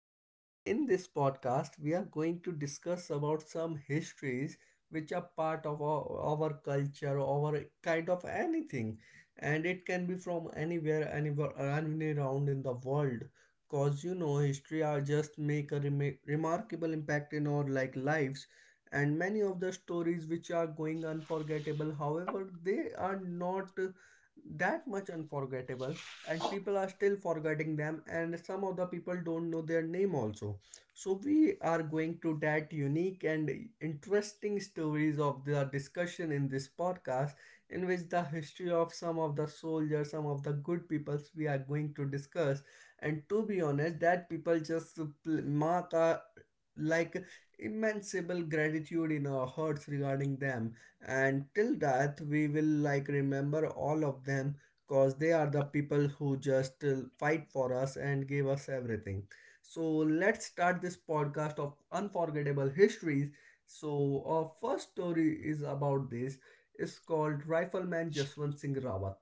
And in this podcast, we are going to discuss about some histories which are part of our culture, our kind of anything. And it can be from anywhere, anywhere around in the world. Cause you know, history are just make a remarkable impact in our like lives. And many of the stories which are going unforgettable, however, they are not that much unforgettable and people are still forgetting them and some of the people don't know their name also, so we are going to that unique and interesting stories of the discussion in this podcast, in which the history of some of the soldiers, some of the good peoples we are going to discuss. And to be honest, that people just mark a like immenseable gratitude in our hearts regarding them, and till that we will like remember all of them because they are the people who just fight for us and give us everything. So let's start this podcast of unforgettable histories. So our first story is about this. It's called Rifleman Jaswant Singh Rawat.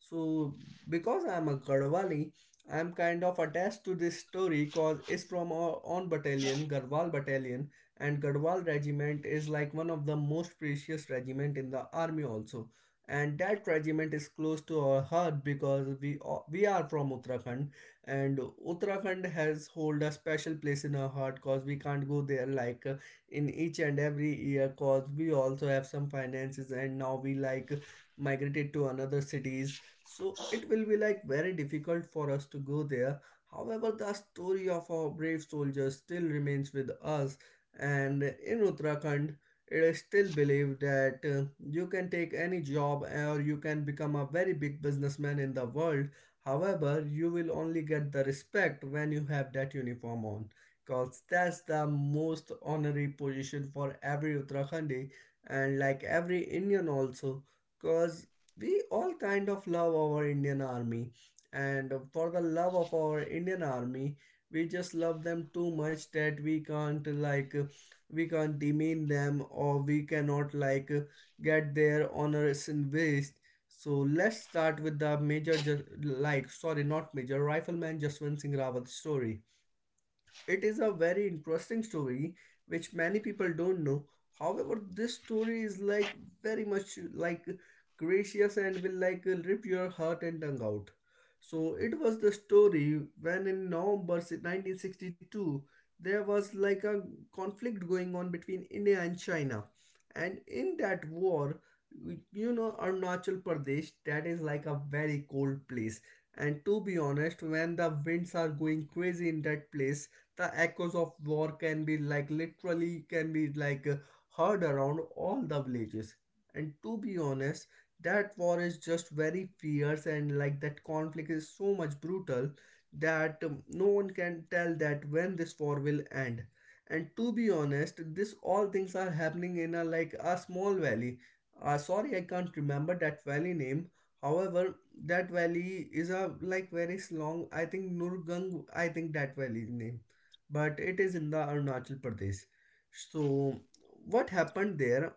So because I'm a Garhwali, I'm kind of attached to this story because it's from our own battalion, Garhwal Battalion, and Garhwal Regiment is like one of the most precious regiment in the army also, and that regiment is close to our heart because we are from Uttarakhand, and Uttarakhand has hold a special place in our heart cause we can't go there like in each and every year cause we also have some finances and now we like migrated to another cities, so it will be like very difficult for us to go there. However, the story of our brave soldiers still remains with us. And in Uttarakhand it is still believed that you can take any job or you can become a very big businessman in the world. However, you will only get the respect when you have that uniform on, because that's the most honorary position for every Uttarakhandi and like every Indian also, because we all kind of love our Indian army. And for the love of our Indian army, we just love them too much that we can't like we can't demean them, or we cannot like get their honors in waste. So let's start with the major ju- like sorry not major rifleman Jaswant Singh Rawat story. It is a very interesting story which many people don't know. However, this story is like very much like gracious and will like rip your heart and tongue out. So it was the story when in November 1962 there was like a conflict going on between India and China. And in that war, you know Arunachal Pradesh, that is like a very cold place, and to be honest when the winds are going crazy in that place, the echoes of war can be like literally can be like heard around all the villages. And to be honest, that war is just very fierce and like that conflict is so much brutal that no one can tell that when this war will end. And to be honest, this all things are happening in a like a small valley, sorry I can't remember that valley name, however that valley is a like very long, I think Nurgang, I think that valley name, but it is in the Arunachal Pradesh. So, what happened there?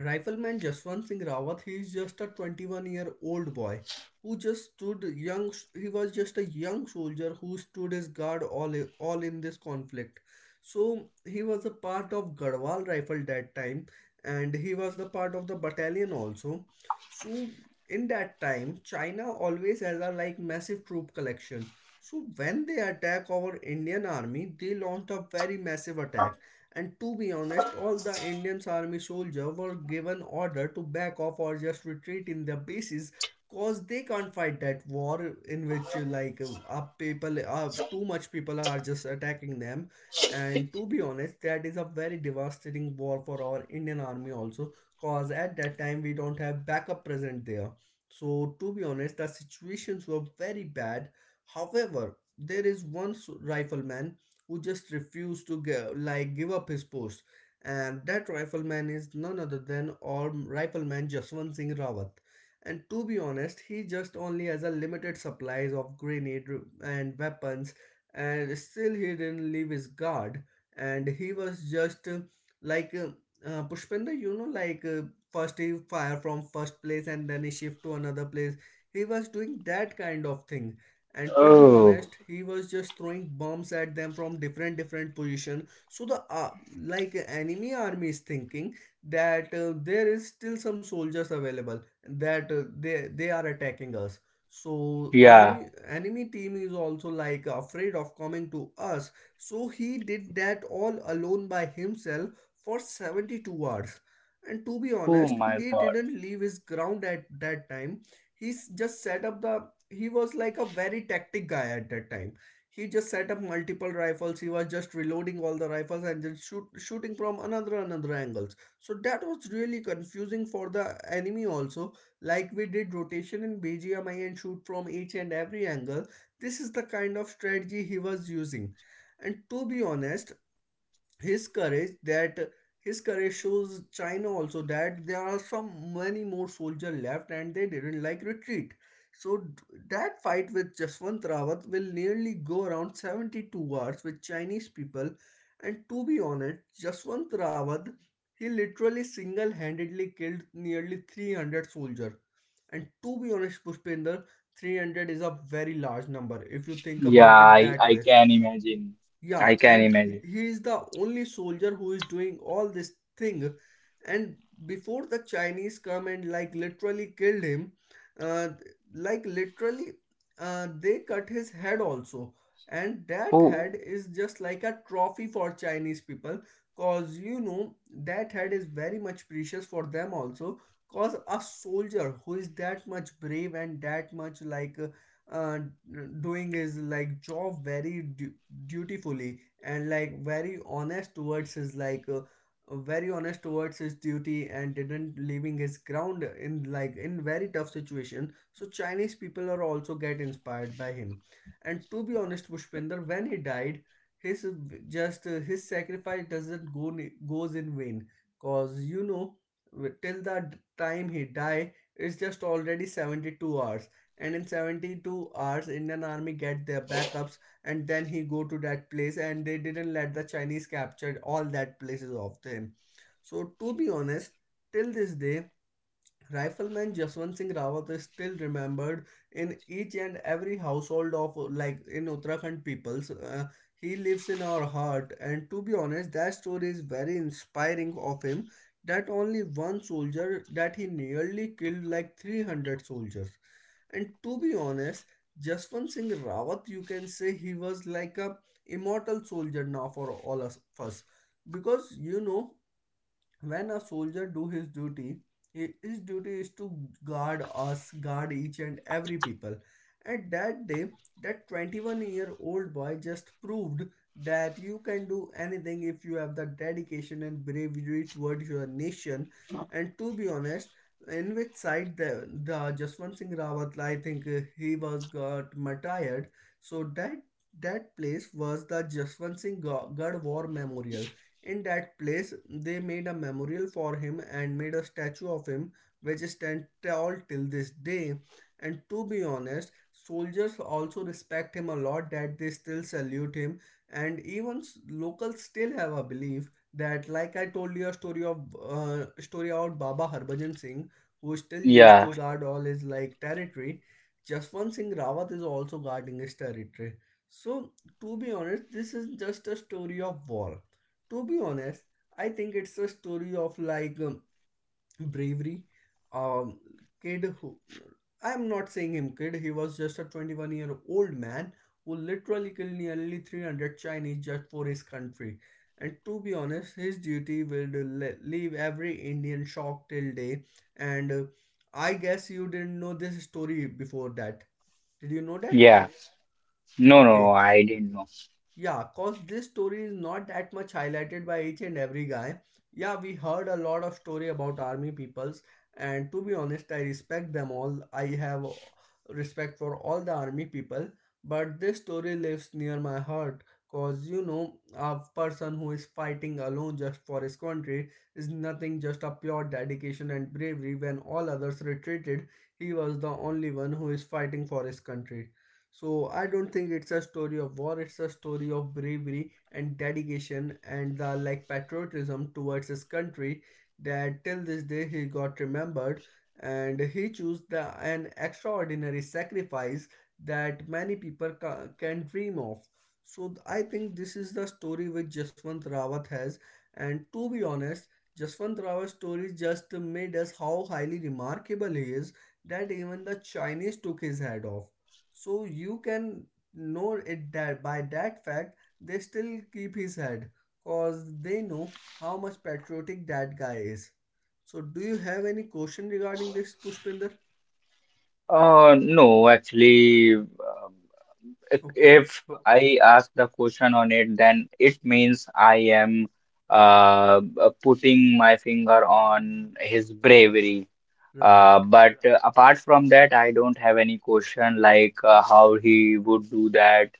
Rifleman Jaswant Singh Rawat, he is just a 21-year-old boy who just stood young, he was just a young soldier who stood his guard all in this conflict. So he was a part of Garhwal Rifle that time, and he was the part of the battalion also. So in that time, China always has a like massive troop collection. So when they attack our Indian army, they launched a very massive attack, and to be honest, all the Indian's army soldier were given order to back off or just retreat in their bases cause they can't fight that war in which like people too much people are just attacking them. And to be honest, that is a very devastating war for our Indian army also cause at that time we don't have backup present there, so to be honest the situations were very bad. However, there is one rifleman who just refused to give, like give up his post. And that rifleman is none other than our Rifleman Jaswant Singh Rawat. And to be honest, he just only has a limited supplies of grenade and weapons, and still he didn't leave his guard. And he was just like uh, Pushpender, you know, like first he fire from first place and then he shift to another place. He was doing that kind of thing, and to be Oh, honest he was just throwing bombs at them from different different position, so the like enemy army is thinking that there is still some soldiers available that they are attacking us, so yeah. army enemy team is also like afraid of coming to us. So he did that all alone by himself for 72 hours, and to be Oh honest my he God. didn't leave his ground at that time. He's just set up the he was like a very tactic guy at that time. He just set up multiple rifles, he was just reloading all the rifles and then shoot, shooting from another angles. So that was really confusing for the enemy also, like we did rotation in BGMI and shoot from each and every angle. This is the kind of strategy he was using, and to be honest his courage, that his courage shows China also that there are some many more soldiers left and they didn't like retreat. So that fight with Jaswant Rawat will nearly go around 72 hours with Chinese people. And to be honest, Jaswant Rawat, he literally single-handedly killed nearly 300 soldiers. And to be honest Pushpender, 300 is a very large number if you think Yeah, about it I, that I way, can imagine. yeah, I can and he imagine. he is the only soldier who is doing all this thing. And before the Chinese come and like literally killed him, uh, like literally, they cut his head also. And that Oh, head is just like a trophy for Chinese people, cause you know that head is very much precious for them also. Cause a soldier who is that much brave and that much like uh, doing his like job very dutifully and like very honest towards his like very honest towards his duty and didn't leaving his ground in like in very tough situation, so Chinese people are also get inspired by him. And to be honest Pushpinder, when he died his just his sacrifice doesn't goes in vain. Cause you know till the time he die it's just already 72 hours, and in 72 hours Indian army get their backups, and then he go to that place and they didn't let the Chinese captured all that places of them. So to be honest, till this day Rifleman Jaswant Singh Rawat is still remembered in each and every household of like in Uttarakhand peoples. He lives in our heart, and to be honest, that story is very inspiring of him. That only one soldier that he nearly killed like 300 soldiers. And to be honest, Jaswant Singh Rawat, you can say he was like a immortal soldier now for all us, of us. Because you know, when a soldier do his duty his duty is to guard us, guard each and every people. And that day, that 21-year-old boy just proved that you can do anything if you have the dedication and bravery towards your nation. And to be honest, in which side the Jaswant Singh Rawat, I think he was got martyred, so that that place was the Jaswant Singh Garh War Memorial. In that place, they made a memorial for him and made a statue of him, which stands tall till this day. And to be honest, soldiers also respect him a lot that they still salute him. And even locals still have a belief that, like I told you a story of story about Baba Harbhajan Singh, who still used yeah, to guard all his like territory. Jaswant Singh Rawat is also guarding his territory. So, to be honest, this is just a story of war. To be honest, I think it's a story of like bravery um kid who, I'm not saying him kid, he was just a 21-year-old man who literally killed nearly 300 Chinese just for his country, and to be honest, his duty will leave every Indian shocked till day. And I guess you didn't know this story before that. Did you know that? yeah. No, no, no, Okay. I didn't know. Yeah, cause this story is not that much highlighted by each and every guy. Yeah, we heard a lot of story about army peoples, and to be honest, I respect them all. I have respect for all the army people, but this story lives near my heart. Cause a person who is fighting alone just for his country is nothing just a pure dedication and bravery. When all others retreated, he was the only one who is fighting for his country. So I don't think it's a story of war, it's a story of bravery and dedication and the like patriotism towards his country, that till this day he got remembered and he chose the an extraordinary sacrifice that many people can dream of. So I think this is the story which Jaswant Rawat has, and to be honest, Jaswant Rawat's story just made us how highly remarkable he is, that even the Chinese took his head off. So you can know it that by that fact they still keep his head cause they know how much patriotic that guy is. So do you have any question regarding this, Pushpinder? No, actually, if Okay. if I ask the question on it, then it means I am putting my finger on his bravery. Right. But apart from that, I don't have any question like how he would do that.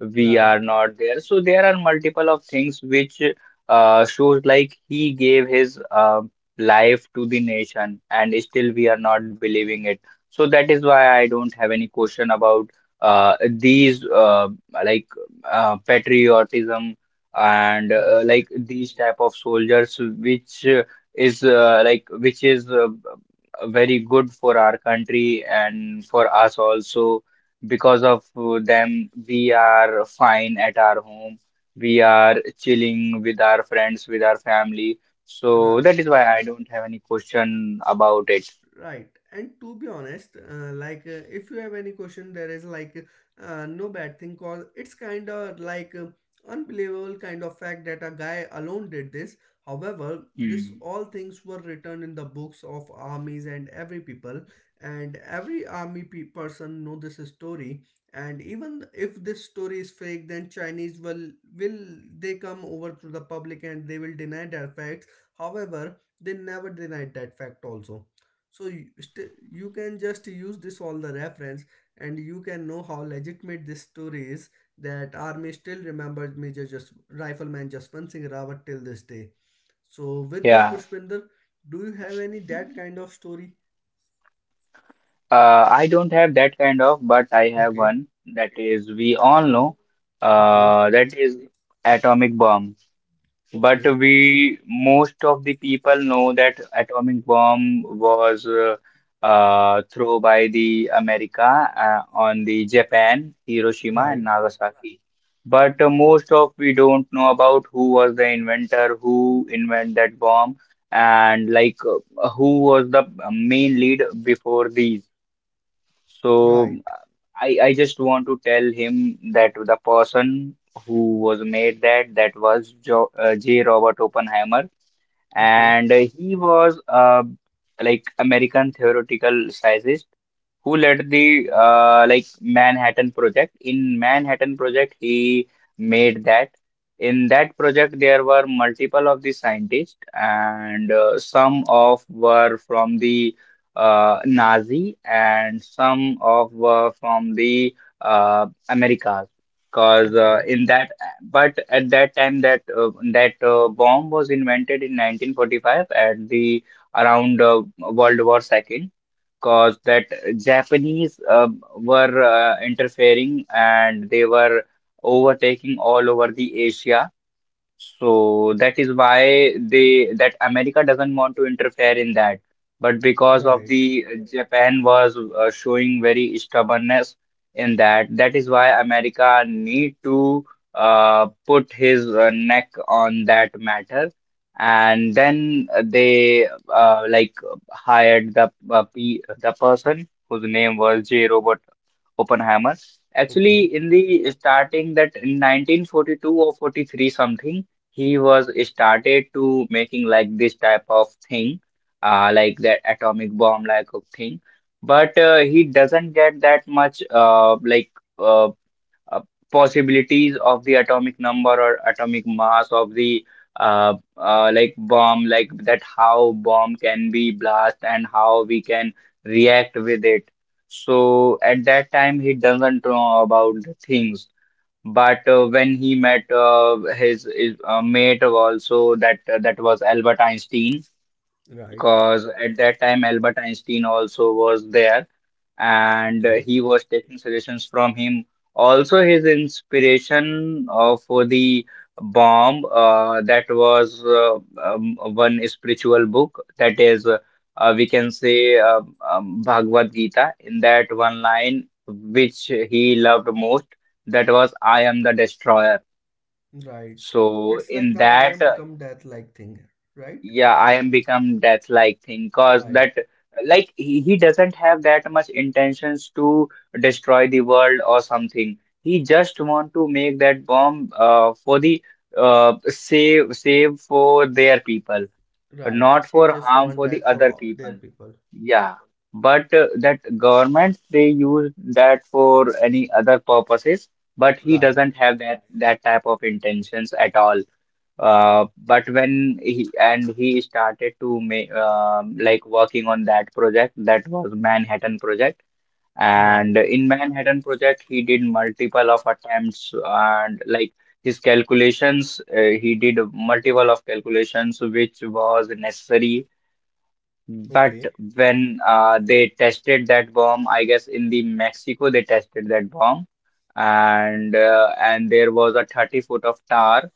We are Right. not there. So there are multiple of things which shows like he gave his life to the nation, and still we are not believing it. So that is why I don't have any question about these like patriotism and Right. These type of soldiers which is very good for our country and for us also. Because of them, we are fine at our home. We are chilling with our friends, with our family. So Right. that is why I don't have any question about it. Right, and to be honest, like if you have any question, there is like no bad thing cause it's kind of like unbelievable kind of fact that a guy alone did this. However, this Hmm. all things were written in the books of armies and every people, and every army person know this story. And even if this story is fake, then Chinese will they come over to the public and they will deny that fact. However, they never denied that fact also, so you, you can just use this all the reference and you can know how legitimate this story is, that army still remembers Major, just Rifleman Jaspant Singh Rawat till this day. So with this, Yeah. Pushpinder, do you have any that kind of story? I don't have that kind of, but I have Okay. one that is we all know Okay. That is atomic bomb. But Okay. we most of the people know that atomic bomb was thrown by the America on the Japan, Hiroshima and Right. Nagasaki. But most of we don't know about who was the inventor, who invented that bomb, and like who was the main lead before these. So Right. I just want to tell him that the person who was made that, that was jo J. Robert Oppenheimer, Okay. and he was American theoretical scientist who led the Manhattan Project. In Manhattan Project, he made that. In that project, there were multiple of the scientists, and some of were from the Nazi, and some of were from the Americas. Because Okay. in that, but at that time, that bomb was invented in 1945 at the around World War II cause that Japanese were interfering and they were overtaking all over the Asia. So that is why they that America doesn't want to interfere in that. But because of Right. the Japan was showing very stubbornness in that, that is why America need to put his neck on that matter. And then they uh, like hired the pe the person whose name was J. Robert Oppenheimer. Okay. Actually, in the starting that in 1942 or 43 something, he was started to making like this type of thing, like that atomic bomb like of thing. But he doesn't get that much uh, uh, possibilities of the atomic number or atomic mass of the bomb, like that how bomb can be blast and how we can react with it. So at that time he doesn't know about the things. But when he met his mate also that that was Albert Einstein, Right. because at that time Albert Einstein also was there and Okay. he was taking suggestions from him. Also, his inspiration for the bomb, that was one spiritual book that is, we can say, Bhagavad Gita. In that one line, which he loved most, that was, I am the destroyer. Right. So, It's like, in "Now I that, am become death," like thing. Right. yeah, I am become death-like thing, cause Right. that like he doesn't have that much intentions to destroy the world or something. He just want to make that bomb for the save for their people, Right. not He for just harm want for the that for other all their people. people. Yeah, but that government they use that for any other purposes, but he Right. doesn't have that type of intentions at all. But when he and he started to make working on that project, that was Manhattan Project. And Right. in Manhattan Project, he did multiple of attempts and like his calculations, he did multiple of calculations which was necessary. But Okay. when they tested that bomb, I guess in the Mexico they tested that bomb, and there was a 30 foot of tar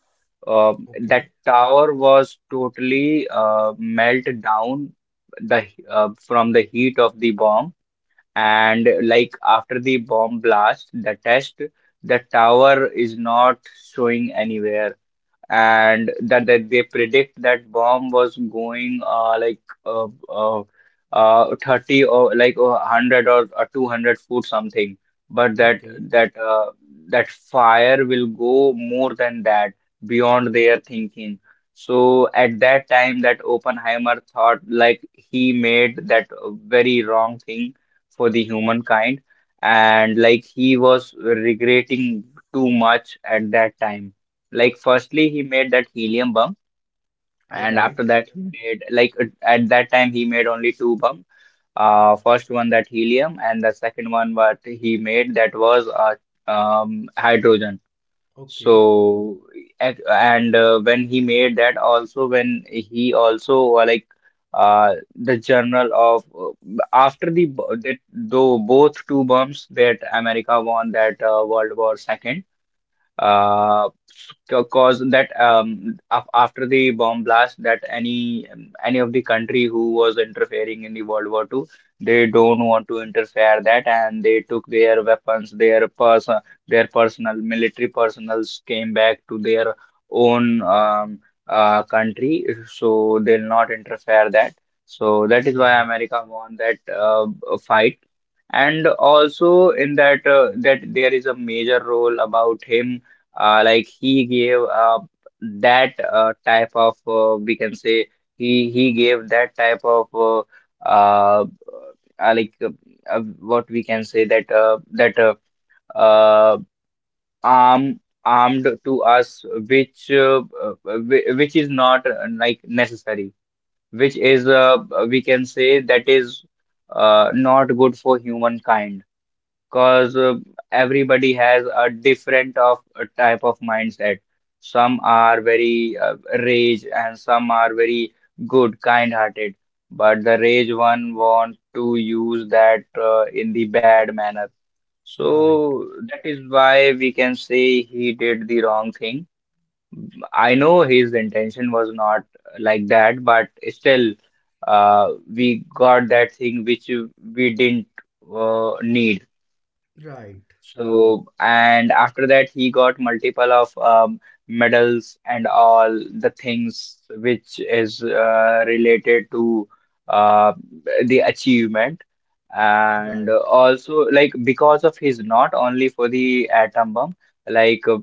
uh, that Okay. tower was totally melt down the from the heat of the bomb, and like after the bomb blast, the test, the tower is not showing anywhere, and that, that they predict that bomb was going uh, uh, 30 or like 100 or 200-foot something, but that Okay. that uh, that fire will go more than that beyond their thinking. So at that time that Oppenheimer thought like he made that very wrong thing for the humankind and like he was regretting too much at that time. Like, firstly, he made that helium bomb, and Right. after that, he made like at that time he made only two bomb. First one that helium, and the second one what he made that was hydrogen. Okay. So and when he made that, also when he also the general of after the that though both two bombs that America won that World War II uh, cause that after the bomb blast that any of the country who was interfering in the World War two, they don't want to interfere that and they took their weapons, their personal military personals came back to their own country, so they'll not interfere that. So that is why Right. America won that fight. And also in that that there is a major role about him, he gave that type of we can say he gave that type of uh, uh, like uh, what we can say that uh, armed to us, which which is not necessary, which is we can say that is not good for humankind, because everybody has a different of a type of mindset. Some are very rage and some are very good kind hearted, but the rage one want to use that in the bad manner. Right. So that is why we can say he did the wrong thing. I know his intention was not like that, but still uh, we got that thing which we didn't need. Right. So, and after that, he got multiple of medals and all the things which is related to uh, the achievement. And Right. also, like, because of his not only for the atom bomb, like,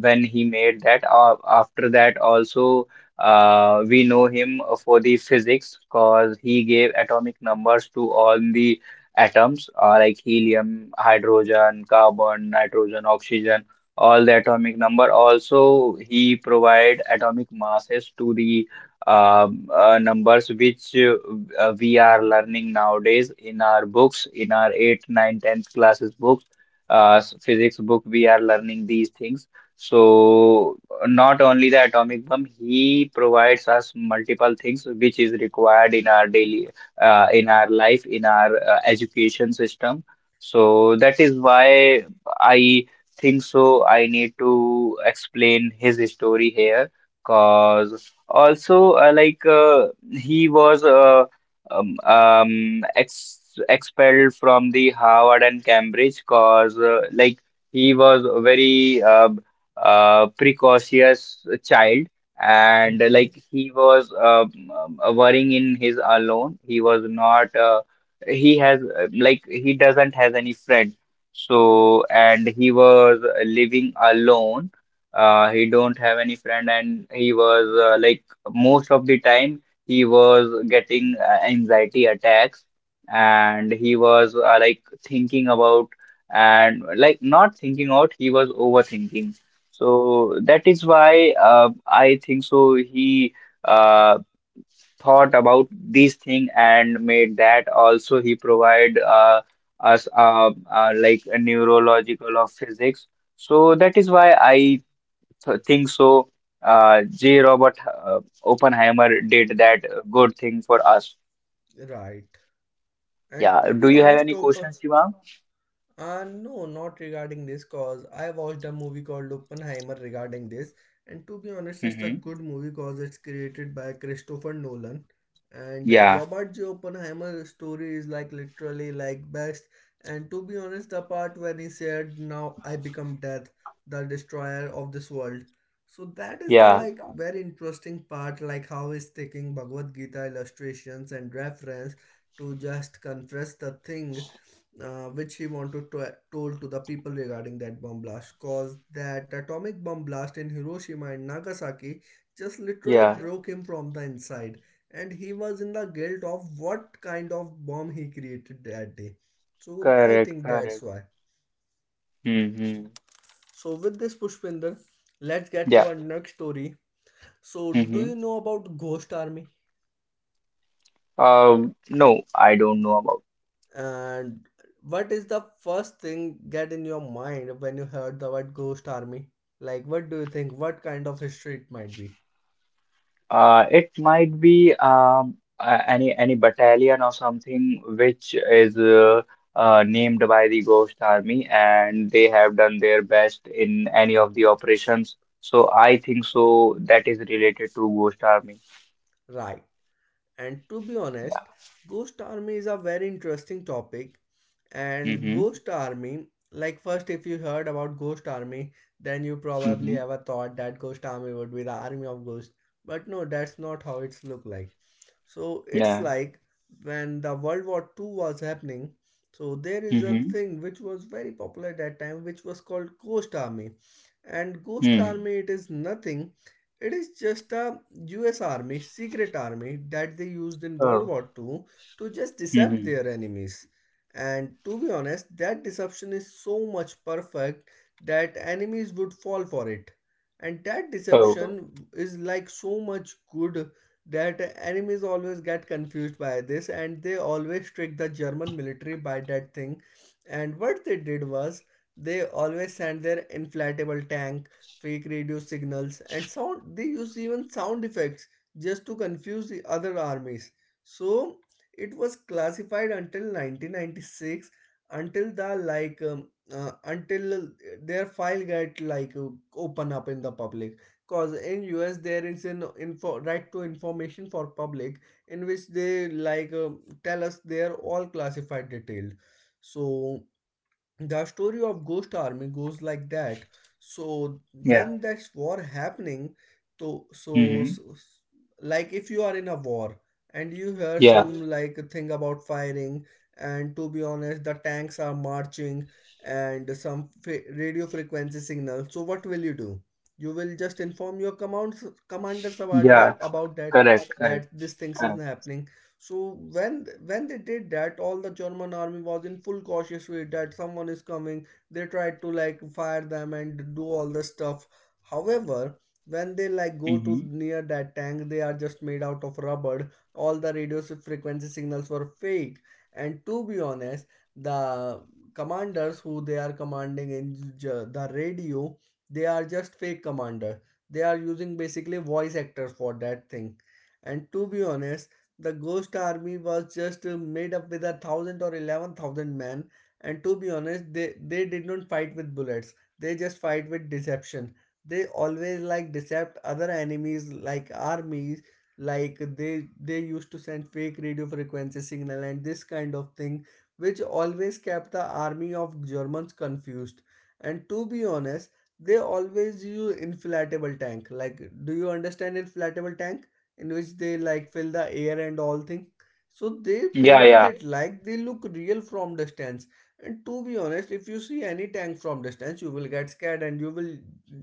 when he made that, after that, also, we know him for the physics because he gave atomic numbers to all the atoms are like helium, hydrogen, carbon, nitrogen, oxygen, all the atomic number. Also, he provide atomic masses to the numbers which we are learning nowadays in our books, in our 8th, 9th, 10th classes books, physics book, we are learning these things. So not only the atomic bomb, he provides us multiple things which is required in our daily in our life, in our education system. So that is why I think so. I need to explain his story here, cause also he was ex expelled from the Harvard and Cambridge, cause he was a very precocious child, and Okay. He was worrying in his alone. He was not he has he doesn't has any friend, so and he was living alone. Uh, he don't have any friend and he was most of the time he was getting anxiety attacks and he was thinking about, and like not thinking out, he was overthinking. So that is why I think so he uh, thought about these thing and made that. Also he provide us a neurological of physics. So that is why I th think so J. Robert Oppenheimer did that good thing for us. Right. And Yeah. to Do be you have honest, any open questions, Shivam? No, not regarding this cause. I watched a movie called Oppenheimer regarding this, and to be honest, it's a Mm-hmm. good movie cause it's created by Christopher Nolan. And Yeah. Robert J. Oppenheimer's story is like literally like best. And to be honest, the part when he said, "Now I become death, the destroyer of this world." So that is the Yeah. like very interesting part, like how he's taking Bhagavad Gita illustrations and reference to just confess the thing, which he wanted to told to the people regarding that bomb blast, cause that atomic bomb blast in Hiroshima and Nagasaki just literally Yeah. broke him from the inside and he was in the guilt of what kind of bomb he created that day. So I Correct. think that's Correct. why. so Mm-hmm. so with this, Pushpinder, let's get to Yeah. our next story. So do Mm-hmm. you know about Ghost Army? No, I don't know about. And what is the first thing get in your mind when you heard the word Ghost Army? Like, what do you think? What kind of history it might be? It might be any battalion or something which is named by the Ghost Army, and they have done their best in any of the operations. So I think so that is related to Ghost Army. Right. And to be Yeah. honest, Ghost Army is a very interesting topic. And Mm-hmm. Ghost Army, like, first, if you heard about Ghost Army, then you Mm-hmm. probably ever thought that Ghost Army would be the army of ghosts. But no, that's not how it's look like. So it's Yeah. like when the World War II was happening. So there is a Mm-hmm. thing which was very popular at that time, which was called Ghost Army. And Ghost Mm. Army, it is nothing, it is just a US army, secret army that they used in World Oh. War Two to just decept Mm-hmm. their enemies. And to be honest, that deception is so much perfect that enemies would fall for it. And that Oh. deception is like so much good that enemies always get confused by this, and they always trick the German military by that thing. And what they did was they always sent their inflatable tank, fake radio signals, and sound. They used even sound effects just to confuse the other armies. So it was classified until 1996, until the like until their file get like open up in the public, because in US there is an info right to information for public, in which they like tell us they are all classified detailed. So the story of Ghost Army goes like that. So Yeah. when that's war happening to, so, Mm-hmm. so like if you are in a war and you hear Yeah. some like thing about firing, and to be honest, the tanks are marching and some radio frequency signal, so what will you do? You will just inform your commands commanders about Yeah. that about that Correct. Correct. that this things is Correct. happening. So when they did that, all the German army was in full cautious way that someone is coming. They tried to like fire them and do all the stuff. However, when they like go to Mm-hmm. near that tank, they are just made out of rubber. All the radio frequency signals were fake. And to be honest, the commanders who they are commanding in the radio, they are just fake commander. They are using basically voice actors for that thing. And to be honest, the Ghost Army was just made up with 1,000 or 11,000 men, and to be honest, they did not fight with bullets, they just fight with deception. They always like decept other enemies like armies, like they used to send fake radio frequency signal and this kind of thing, which always kept the army of Germans confused. And to be honest, they always use inflatable tank. Like, do you understand inflatable tank, in which they like fill the air and all thing? So they Yeah. painted Yeah. it like they look real from distance. And to be honest, if you see any tank from distance, you will get scared and you will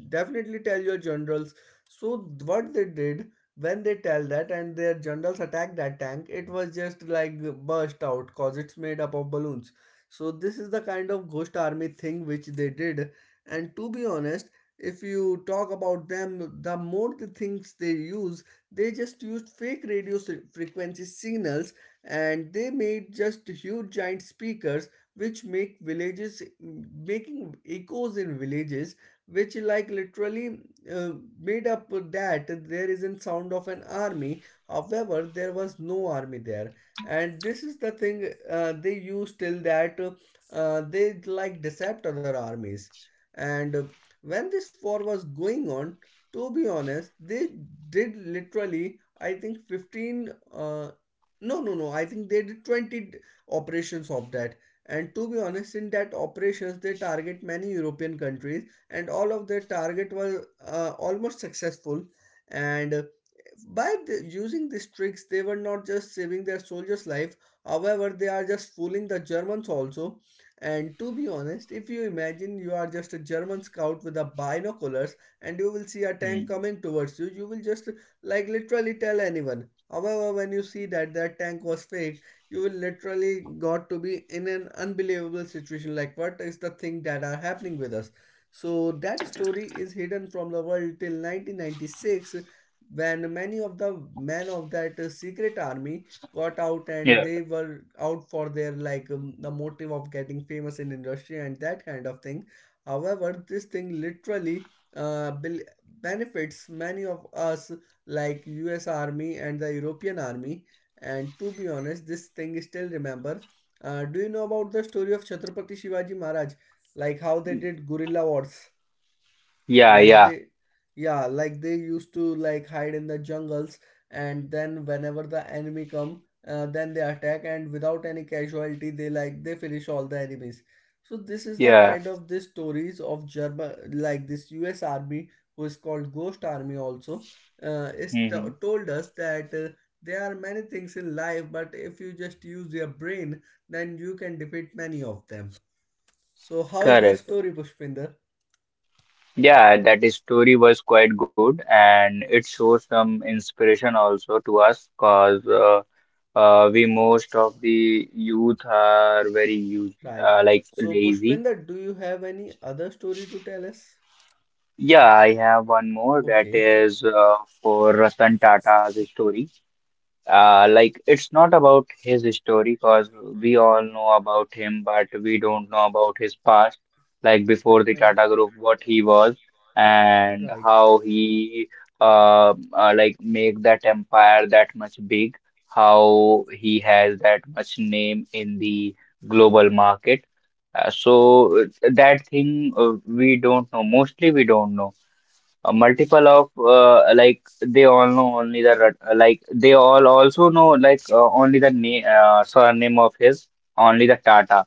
definitely tell your generals. So what they did when they tell that and their generals attacked that tank, it was just like burst out because it's made up of balloons. So this is the kind of Ghost Army thing which they did. And to be honest, if you talk about them, the more the things they use, they just used fake radio frequency signals, and they made just huge giant speakers which make villages making echoes in villages, which like literally uh, made up that there is a sound of an army, however there was no army there. And this is the thing they use till that, they like decept other armies. And when this war was going on, to be honest, they did literally, I think 15, no, no, no, I think they did 20 operations of that. And to be honest, in that operations, they target many European countries, and all of their target was almost successful. And by using these tricks, they were not just saving their soldiers' life. However, they are just fooling the Germans also. And to be honest, if you imagine you are just a German scout with a binoculars and you will see a tank Mm. coming towards you, you will just like literally tell anyone. However, when you see that that tank was fake, you will literally got to be in an unbelievable situation, like what is the thing that are happening with us. So that story is hidden from the world till 1996, when many of the men of that secret army got out and Yeah. they were out for their like the motive of getting famous in industry and that kind of thing. However, this thing literally bel benefits many of us like US Army and the European Army. And to be honest, this thing is still remember. Do you know about the story of Chhatrapati Shivaji Maharaj, like how they did guerrilla wars, Yeah, like yeah, they yeah, like they used to like hide in the jungles, and then whenever the enemy come, then they attack and without any casualty they like they finish all the enemies. So this is the yeah. kind of this stories of German, like this US army who is called Ghost Army also is Hmm. told us that there are many things in life, but if you just use your brain then you can defeat many of them. So how is the Correct. story, Pushpinder? Yeah, that is story was quite good and it shows some inspiration also to us because we most of the youth are very use Right. So, lazy. Pushpinder, do you have any other story to tell us? Yeah, I have one more that Okay. is for Ratan Tata's story. It's not about his story because we all know about him, but we don't know about his past, like before the Right. Tata Group, what he was and Right. how he make that empire that much big, how he has that much name in the global market. Uh, so uh, that thing we don't know. Mostly we don't know a multiple of like they all know only the they all also know like only the name surname of his, only the Tata,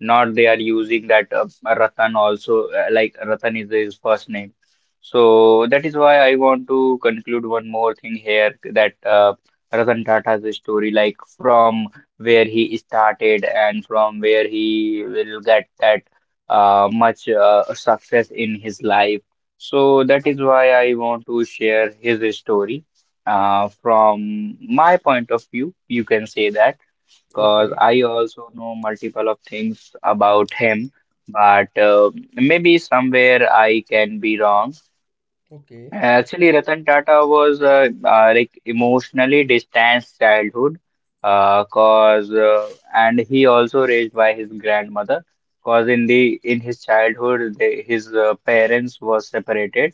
not they are using that Ratan also, like Ratan is his first name. So that is why I want to conclude one more thing here that Ratan Tata's story, like from where he started and from where he will get that much success in his life. So that is why I want to share his story. From my point of view, you can say that because Okay. I also know multiple of things about him, but maybe somewhere I can be wrong. Okay. Actually, Ratan Tata was like emotionally distanced childhood, cause and he also raised by his grandmother, cause in the in his childhood they, his parents were separated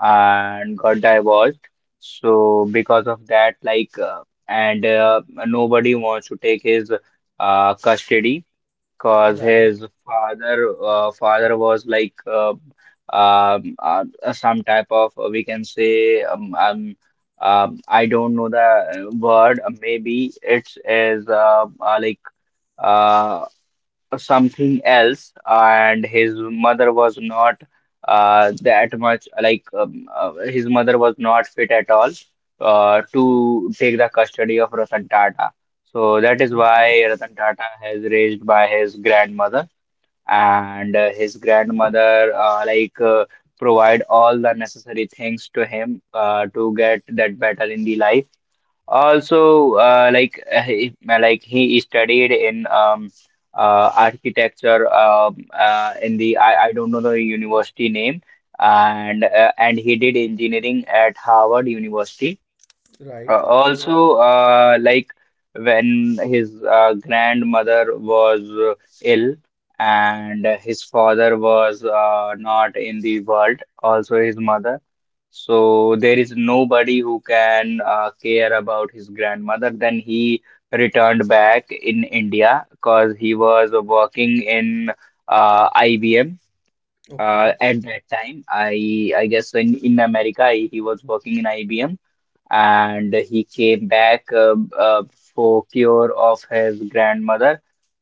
and got divorced. So because of that, like and nobody wants to take his custody. Cause Right. his father was like um, uh, some type of we can say I don't know the word, maybe it's is like uh, something else, and his mother was not that much like his mother was not fit at all to take the custody of Ratan Tata. So that is Okay. why Ratan Tata has raised by his grandmother, and his grandmother provide all the necessary things to him to get that battle in the life also, like he studied in architecture, in the I don't know the university name, and and he did engineering at Harvard University Right. Also, like when his grandmother was ill and his father was not in the world, also his mother. So there is nobody who can care about his grandmother. Then he returned back in India because he was working in IBM Okay. at that time. I guess in America he was working in IBM and he came back for cure of his grandmother,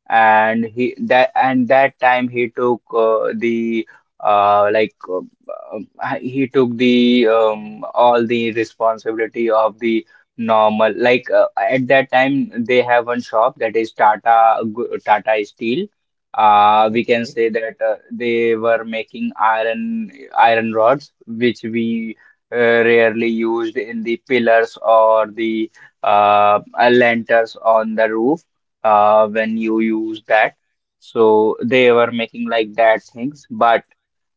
and he that and that time he took the like he took the all the responsibility of the normal, at that time they have one shop, that is Tata Steel, we can Okay. say that they were making iron rods which we rarely used in the pillars or the lanterns on the roof when you use that. So they were making like that things, but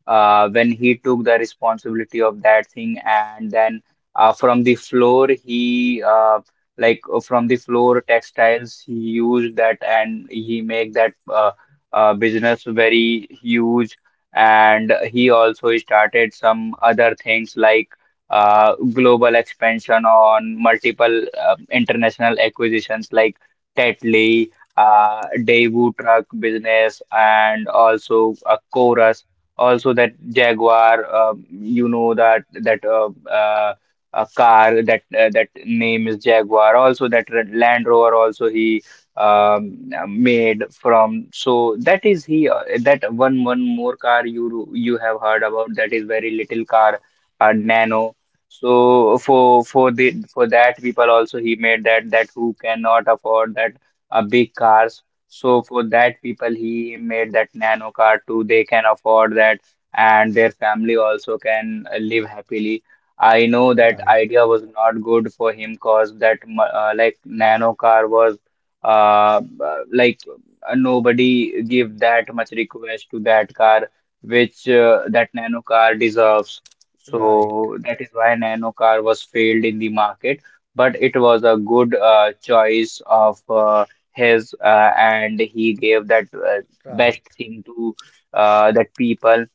when he took the responsibility of that thing, and then from the floor he from the floor textiles he used that, and he make that business very huge, and he also started some other things like global expansion on multiple international acquisitions like Tetley, Daewoo truck business, and also Chorus. Also that Jaguar, um, you know that a car that that name is Jaguar. Also that Land Rover also he made from. So that is he that one more car you you have heard about, that is very little car, Nano. So for that people also he made that, that who cannot afford that big cars. So for that people he made that Nano car too. They can afford that and their family also can live happily. I know that Right. idea was not good for him, cause that like Nano car was like nobody give that much request to that car which that Nano car deserves. Right. So that is why Nano car was failed in the market, but it was a good choice of his, and he gave that best Right. thing to that people.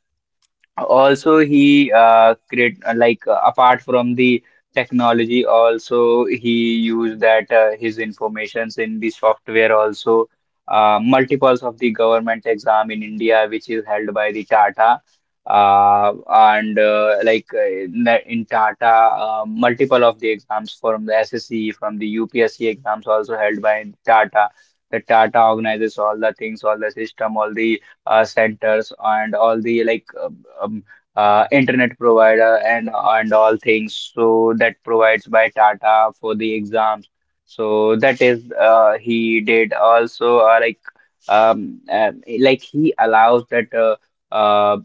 Also he create apart from the technology, also he used that his informations in the software also, multiples of the government exam in India which is held by the Tata, and in Tata, multiple of the exams from the SSC, from the UPSC exams also held by Tata. The Tata organizes all the things, all the system, all the centers, and all the um, internet provider and all things. So that provides by Tata for the exams. So that is he did also, he allows that uh,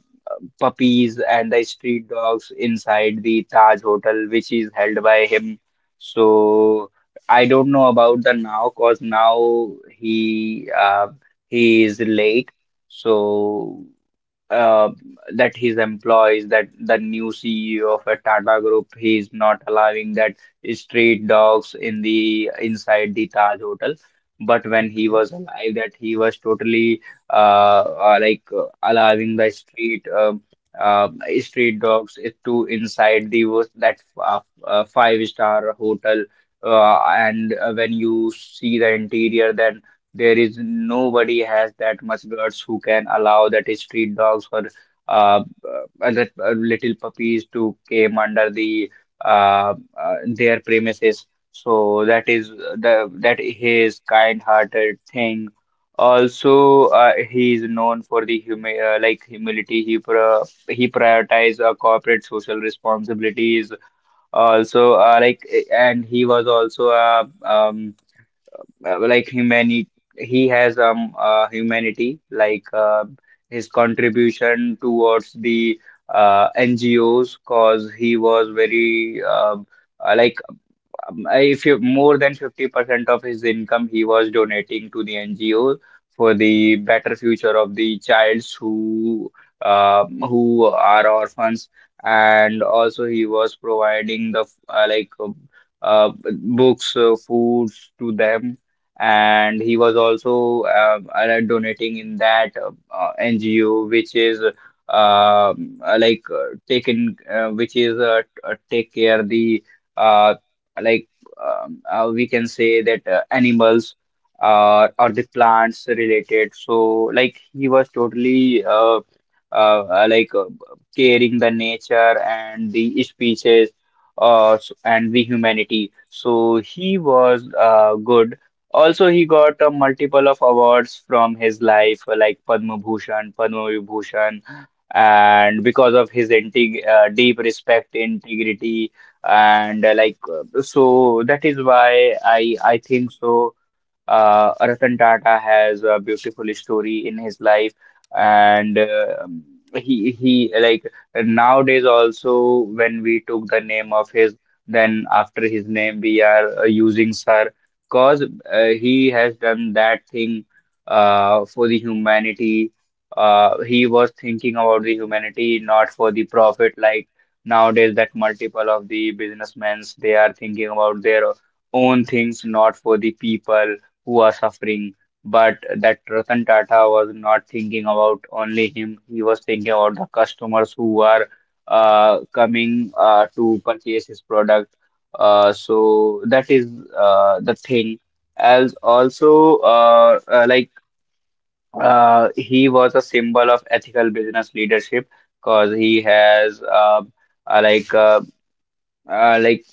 puppies and the street dogs inside the Taj Hotel, which is held by him. So I don't know about the now, cause now he is late. So uh, that his employees, that the new CEO of a Tata Group, he is not allowing that street dogs in the inside the Taj Hotel. But when he Okay. was alive, that he was totally uh, like allowing the uh, street dogs to inside the wo- that five-star hotel. And when you see the interior, that there is nobody has that much guts who can allow that street dogs or uh, little puppies to came under the their premises. So that is the that his kind-hearted thing. Also, he is known for the humi like humility. He pro he prioritized corporate social responsibilities. Also, and he was also a humanity he has humanity, like his contribution towards the NGOs, cause he was very uh, like if you more than 50% of his income he was donating to the NGO for the better future of the childs who are orphans, and also he was providing the uh, books, foods to them, and he was also donating in that NGO which is like taken which is take care the uh, like we can say that animals or the plants related. So like he was totally uh, uh, like uh, caring the nature and the species and the humanity. So he was good. Also, he got a multiple of awards from his life, like Padma Bhushan, Padma Vibhushan, and because of his integ deep respect, integrity, and so that is why I think so. Ratan Tata has a beautiful story in his life, and he like nowadays also when we took the name of his, then after his name we are using Sir, cause he has done that thing for the humanity. He was thinking about the humanity, not for the profit, like nowadays that multiple of the businessmen, they are thinking about their own things, not for the people who are suffering. But that Ratan Tata was not thinking about only him. He was thinking about the customers who are coming to purchase his product. So that is the thing. As also, he was a symbol of ethical business leadership because he has uh, like uh, uh, like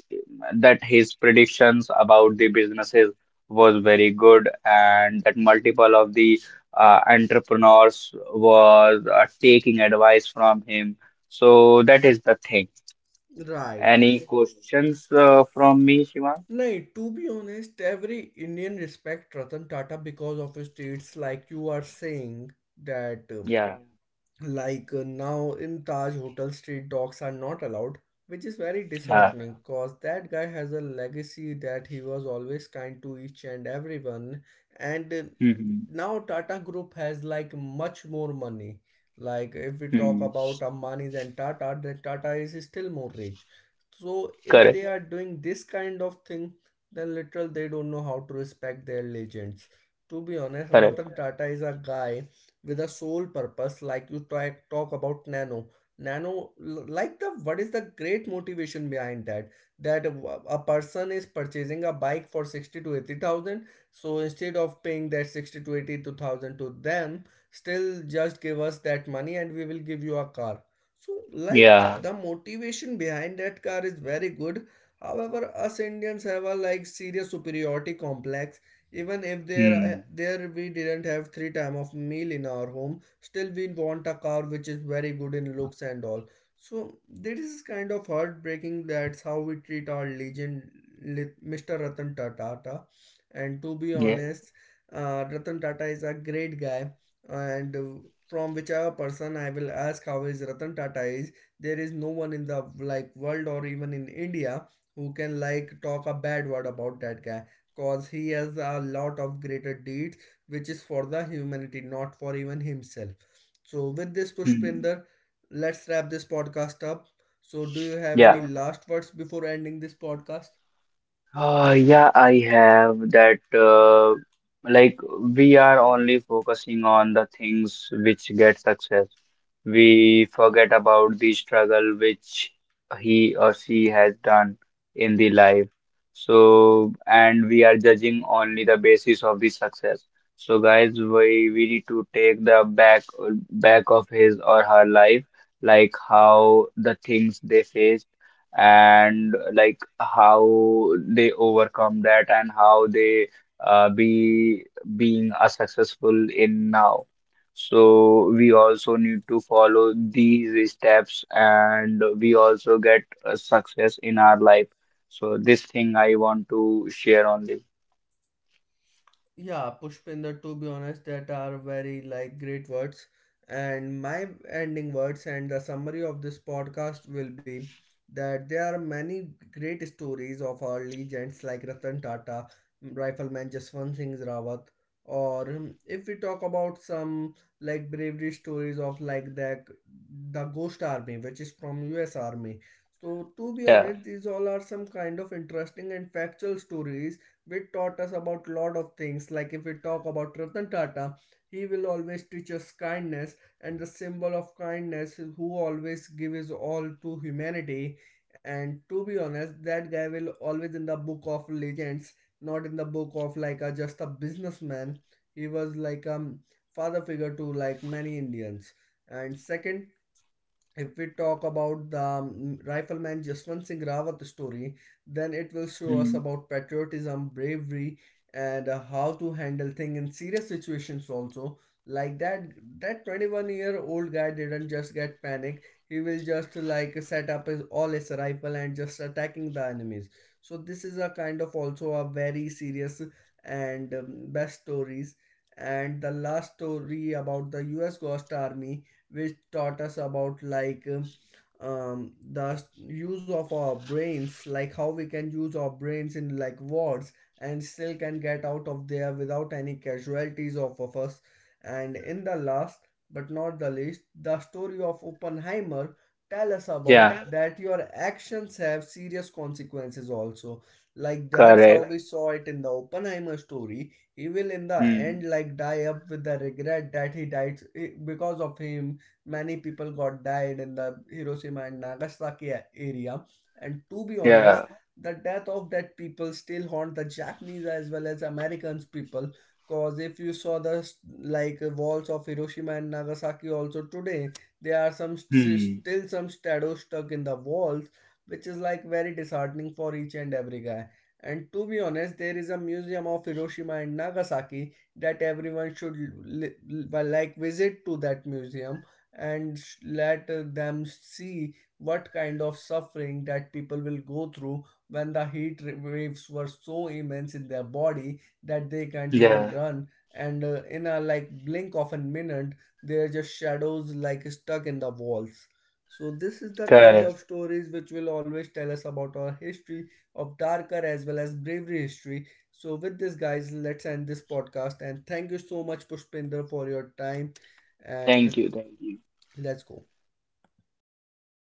that his predictions about the businesses was very good, and that multiple of the entrepreneurs was taking advice from him. So that is the thing. Right. Any questions from me, Shivan? Nay, to be honest, every Indian respect Ratan Tata because of his traits like you are saying that Yeah. Now in Taj Hotel, street dogs are not allowed, which is very Uh, disheartening because that guy has a legacy that he was always kind to each and everyone. And hmm hmm. now Tata Group has like much more money. Like if we talk hmm. about Ambani's and Tata, then Tata is still more rich. So if Correct. they are doing this kind of thing, then literal they don't know how to respect their legends. To be honest, Correct. Ratan Tata is a guy with a sole purpose like you try talk about nano like the what is the great motivation behind that, that a person is purchasing a bike for 60 to 80,000. So instead of paying that 60 to 82,000 to them, still just give us that money and we will give you a car. So like Yeah. the motivation behind that car is very good, however us Indians have a like serious superiority complex. Even if Hmm. there we didn't have three time of meal in our home, still we want a car which is very good in looks and all. So this is kind of heartbreaking. That's how we treat our legend, Mr. Ratan Tata. And to be Yeah. honest, Ratan Tata is a great guy, and from whichever person I will ask how is Ratan Tata is, there is no one in the like world or even in India who can like talk a bad word about that guy, cause he has a lot of greater deeds which is for the humanity, not for even himself. So with this Hmm. Pushpinder, let's wrap this podcast up. So do you have Yeah. any last words before ending this podcast? Yeah, I have that. Like, we are only focusing on the things which get success. We forget about the struggle which he or she has done in the life. So, and we are judging only the basis of the success. So, guys, we need to take the back of his or her life, like how the things they faced, and like how they overcome that, and how they be being a successful in now. So we also need to follow these steps, and we also get a success in our life. So this thing I want to share only. Yeah, Pushpinder, to be honest, that are very like great words. And my ending words and the summary of this podcast will be that there are many great stories of our legends like Ratan Tata, Rifleman Jaswant Singh Rawat, or if we talk about some like bravery stories of like the Ghost Army, which is from U.S. Army. So to be Yeah. honest, these all are some kind of interesting and factual stories which taught us about lot of things. Like if we talk about Ratan Tata, he will always teach us kindness, and the symbol of kindness who always give his all to humanity. And to be honest, that guy will always in the book of legends, not in the book of like a, just a businessman. He was like a father figure to like many Indians. And second if we talk about the rifleman Jaswant Singh Rawat story, then it will show us Mm. about patriotism, bravery, and how to handle things in serious situations also. Like that 21-year-old guy didn't just get panic. He will just like set up his all his rifle and just attacking the enemies. So this is a kind of also a very serious and best stories. And the last story about the U.S. Ghost Army which taught us about like the use of our brains, like how we can use our brains in like wars and still can get out of there without any casualties of us. And in the last but not the least, the story of Oppenheimer tell us about Yeah. that your actions have serious consequences also. Like that's how Correct. we saw it in the Oppenheimer story. He will in the end Hmm. like die up with the regret that he died, because of him many people got died in the Hiroshima and Nagasaki area. And to be honest, Yeah. the death of that people still haunt the Japanese as well as Americans people. Cause if you saw the like walls of Hiroshima and Nagasaki also today, there are some Hmm. still some shadows stuck in the walls, which is like very disheartening for each and every guy. And to be honest, there is a museum of Hiroshima and Nagasaki that everyone should like visit to that museum and let them see what kind of suffering that people will go through when the heat waves were so immense in their body that they can't even Yeah. run and in a like blink of a minute they're just shadows like stuck in the walls. So this is the kind Correct. of stories which will always tell us about our history of darker as well as bravery history. So with this guys, let's end this podcast and thank you so much Pushpinder for your time. And Thank you. Thank you. let's go. Yeah. Bye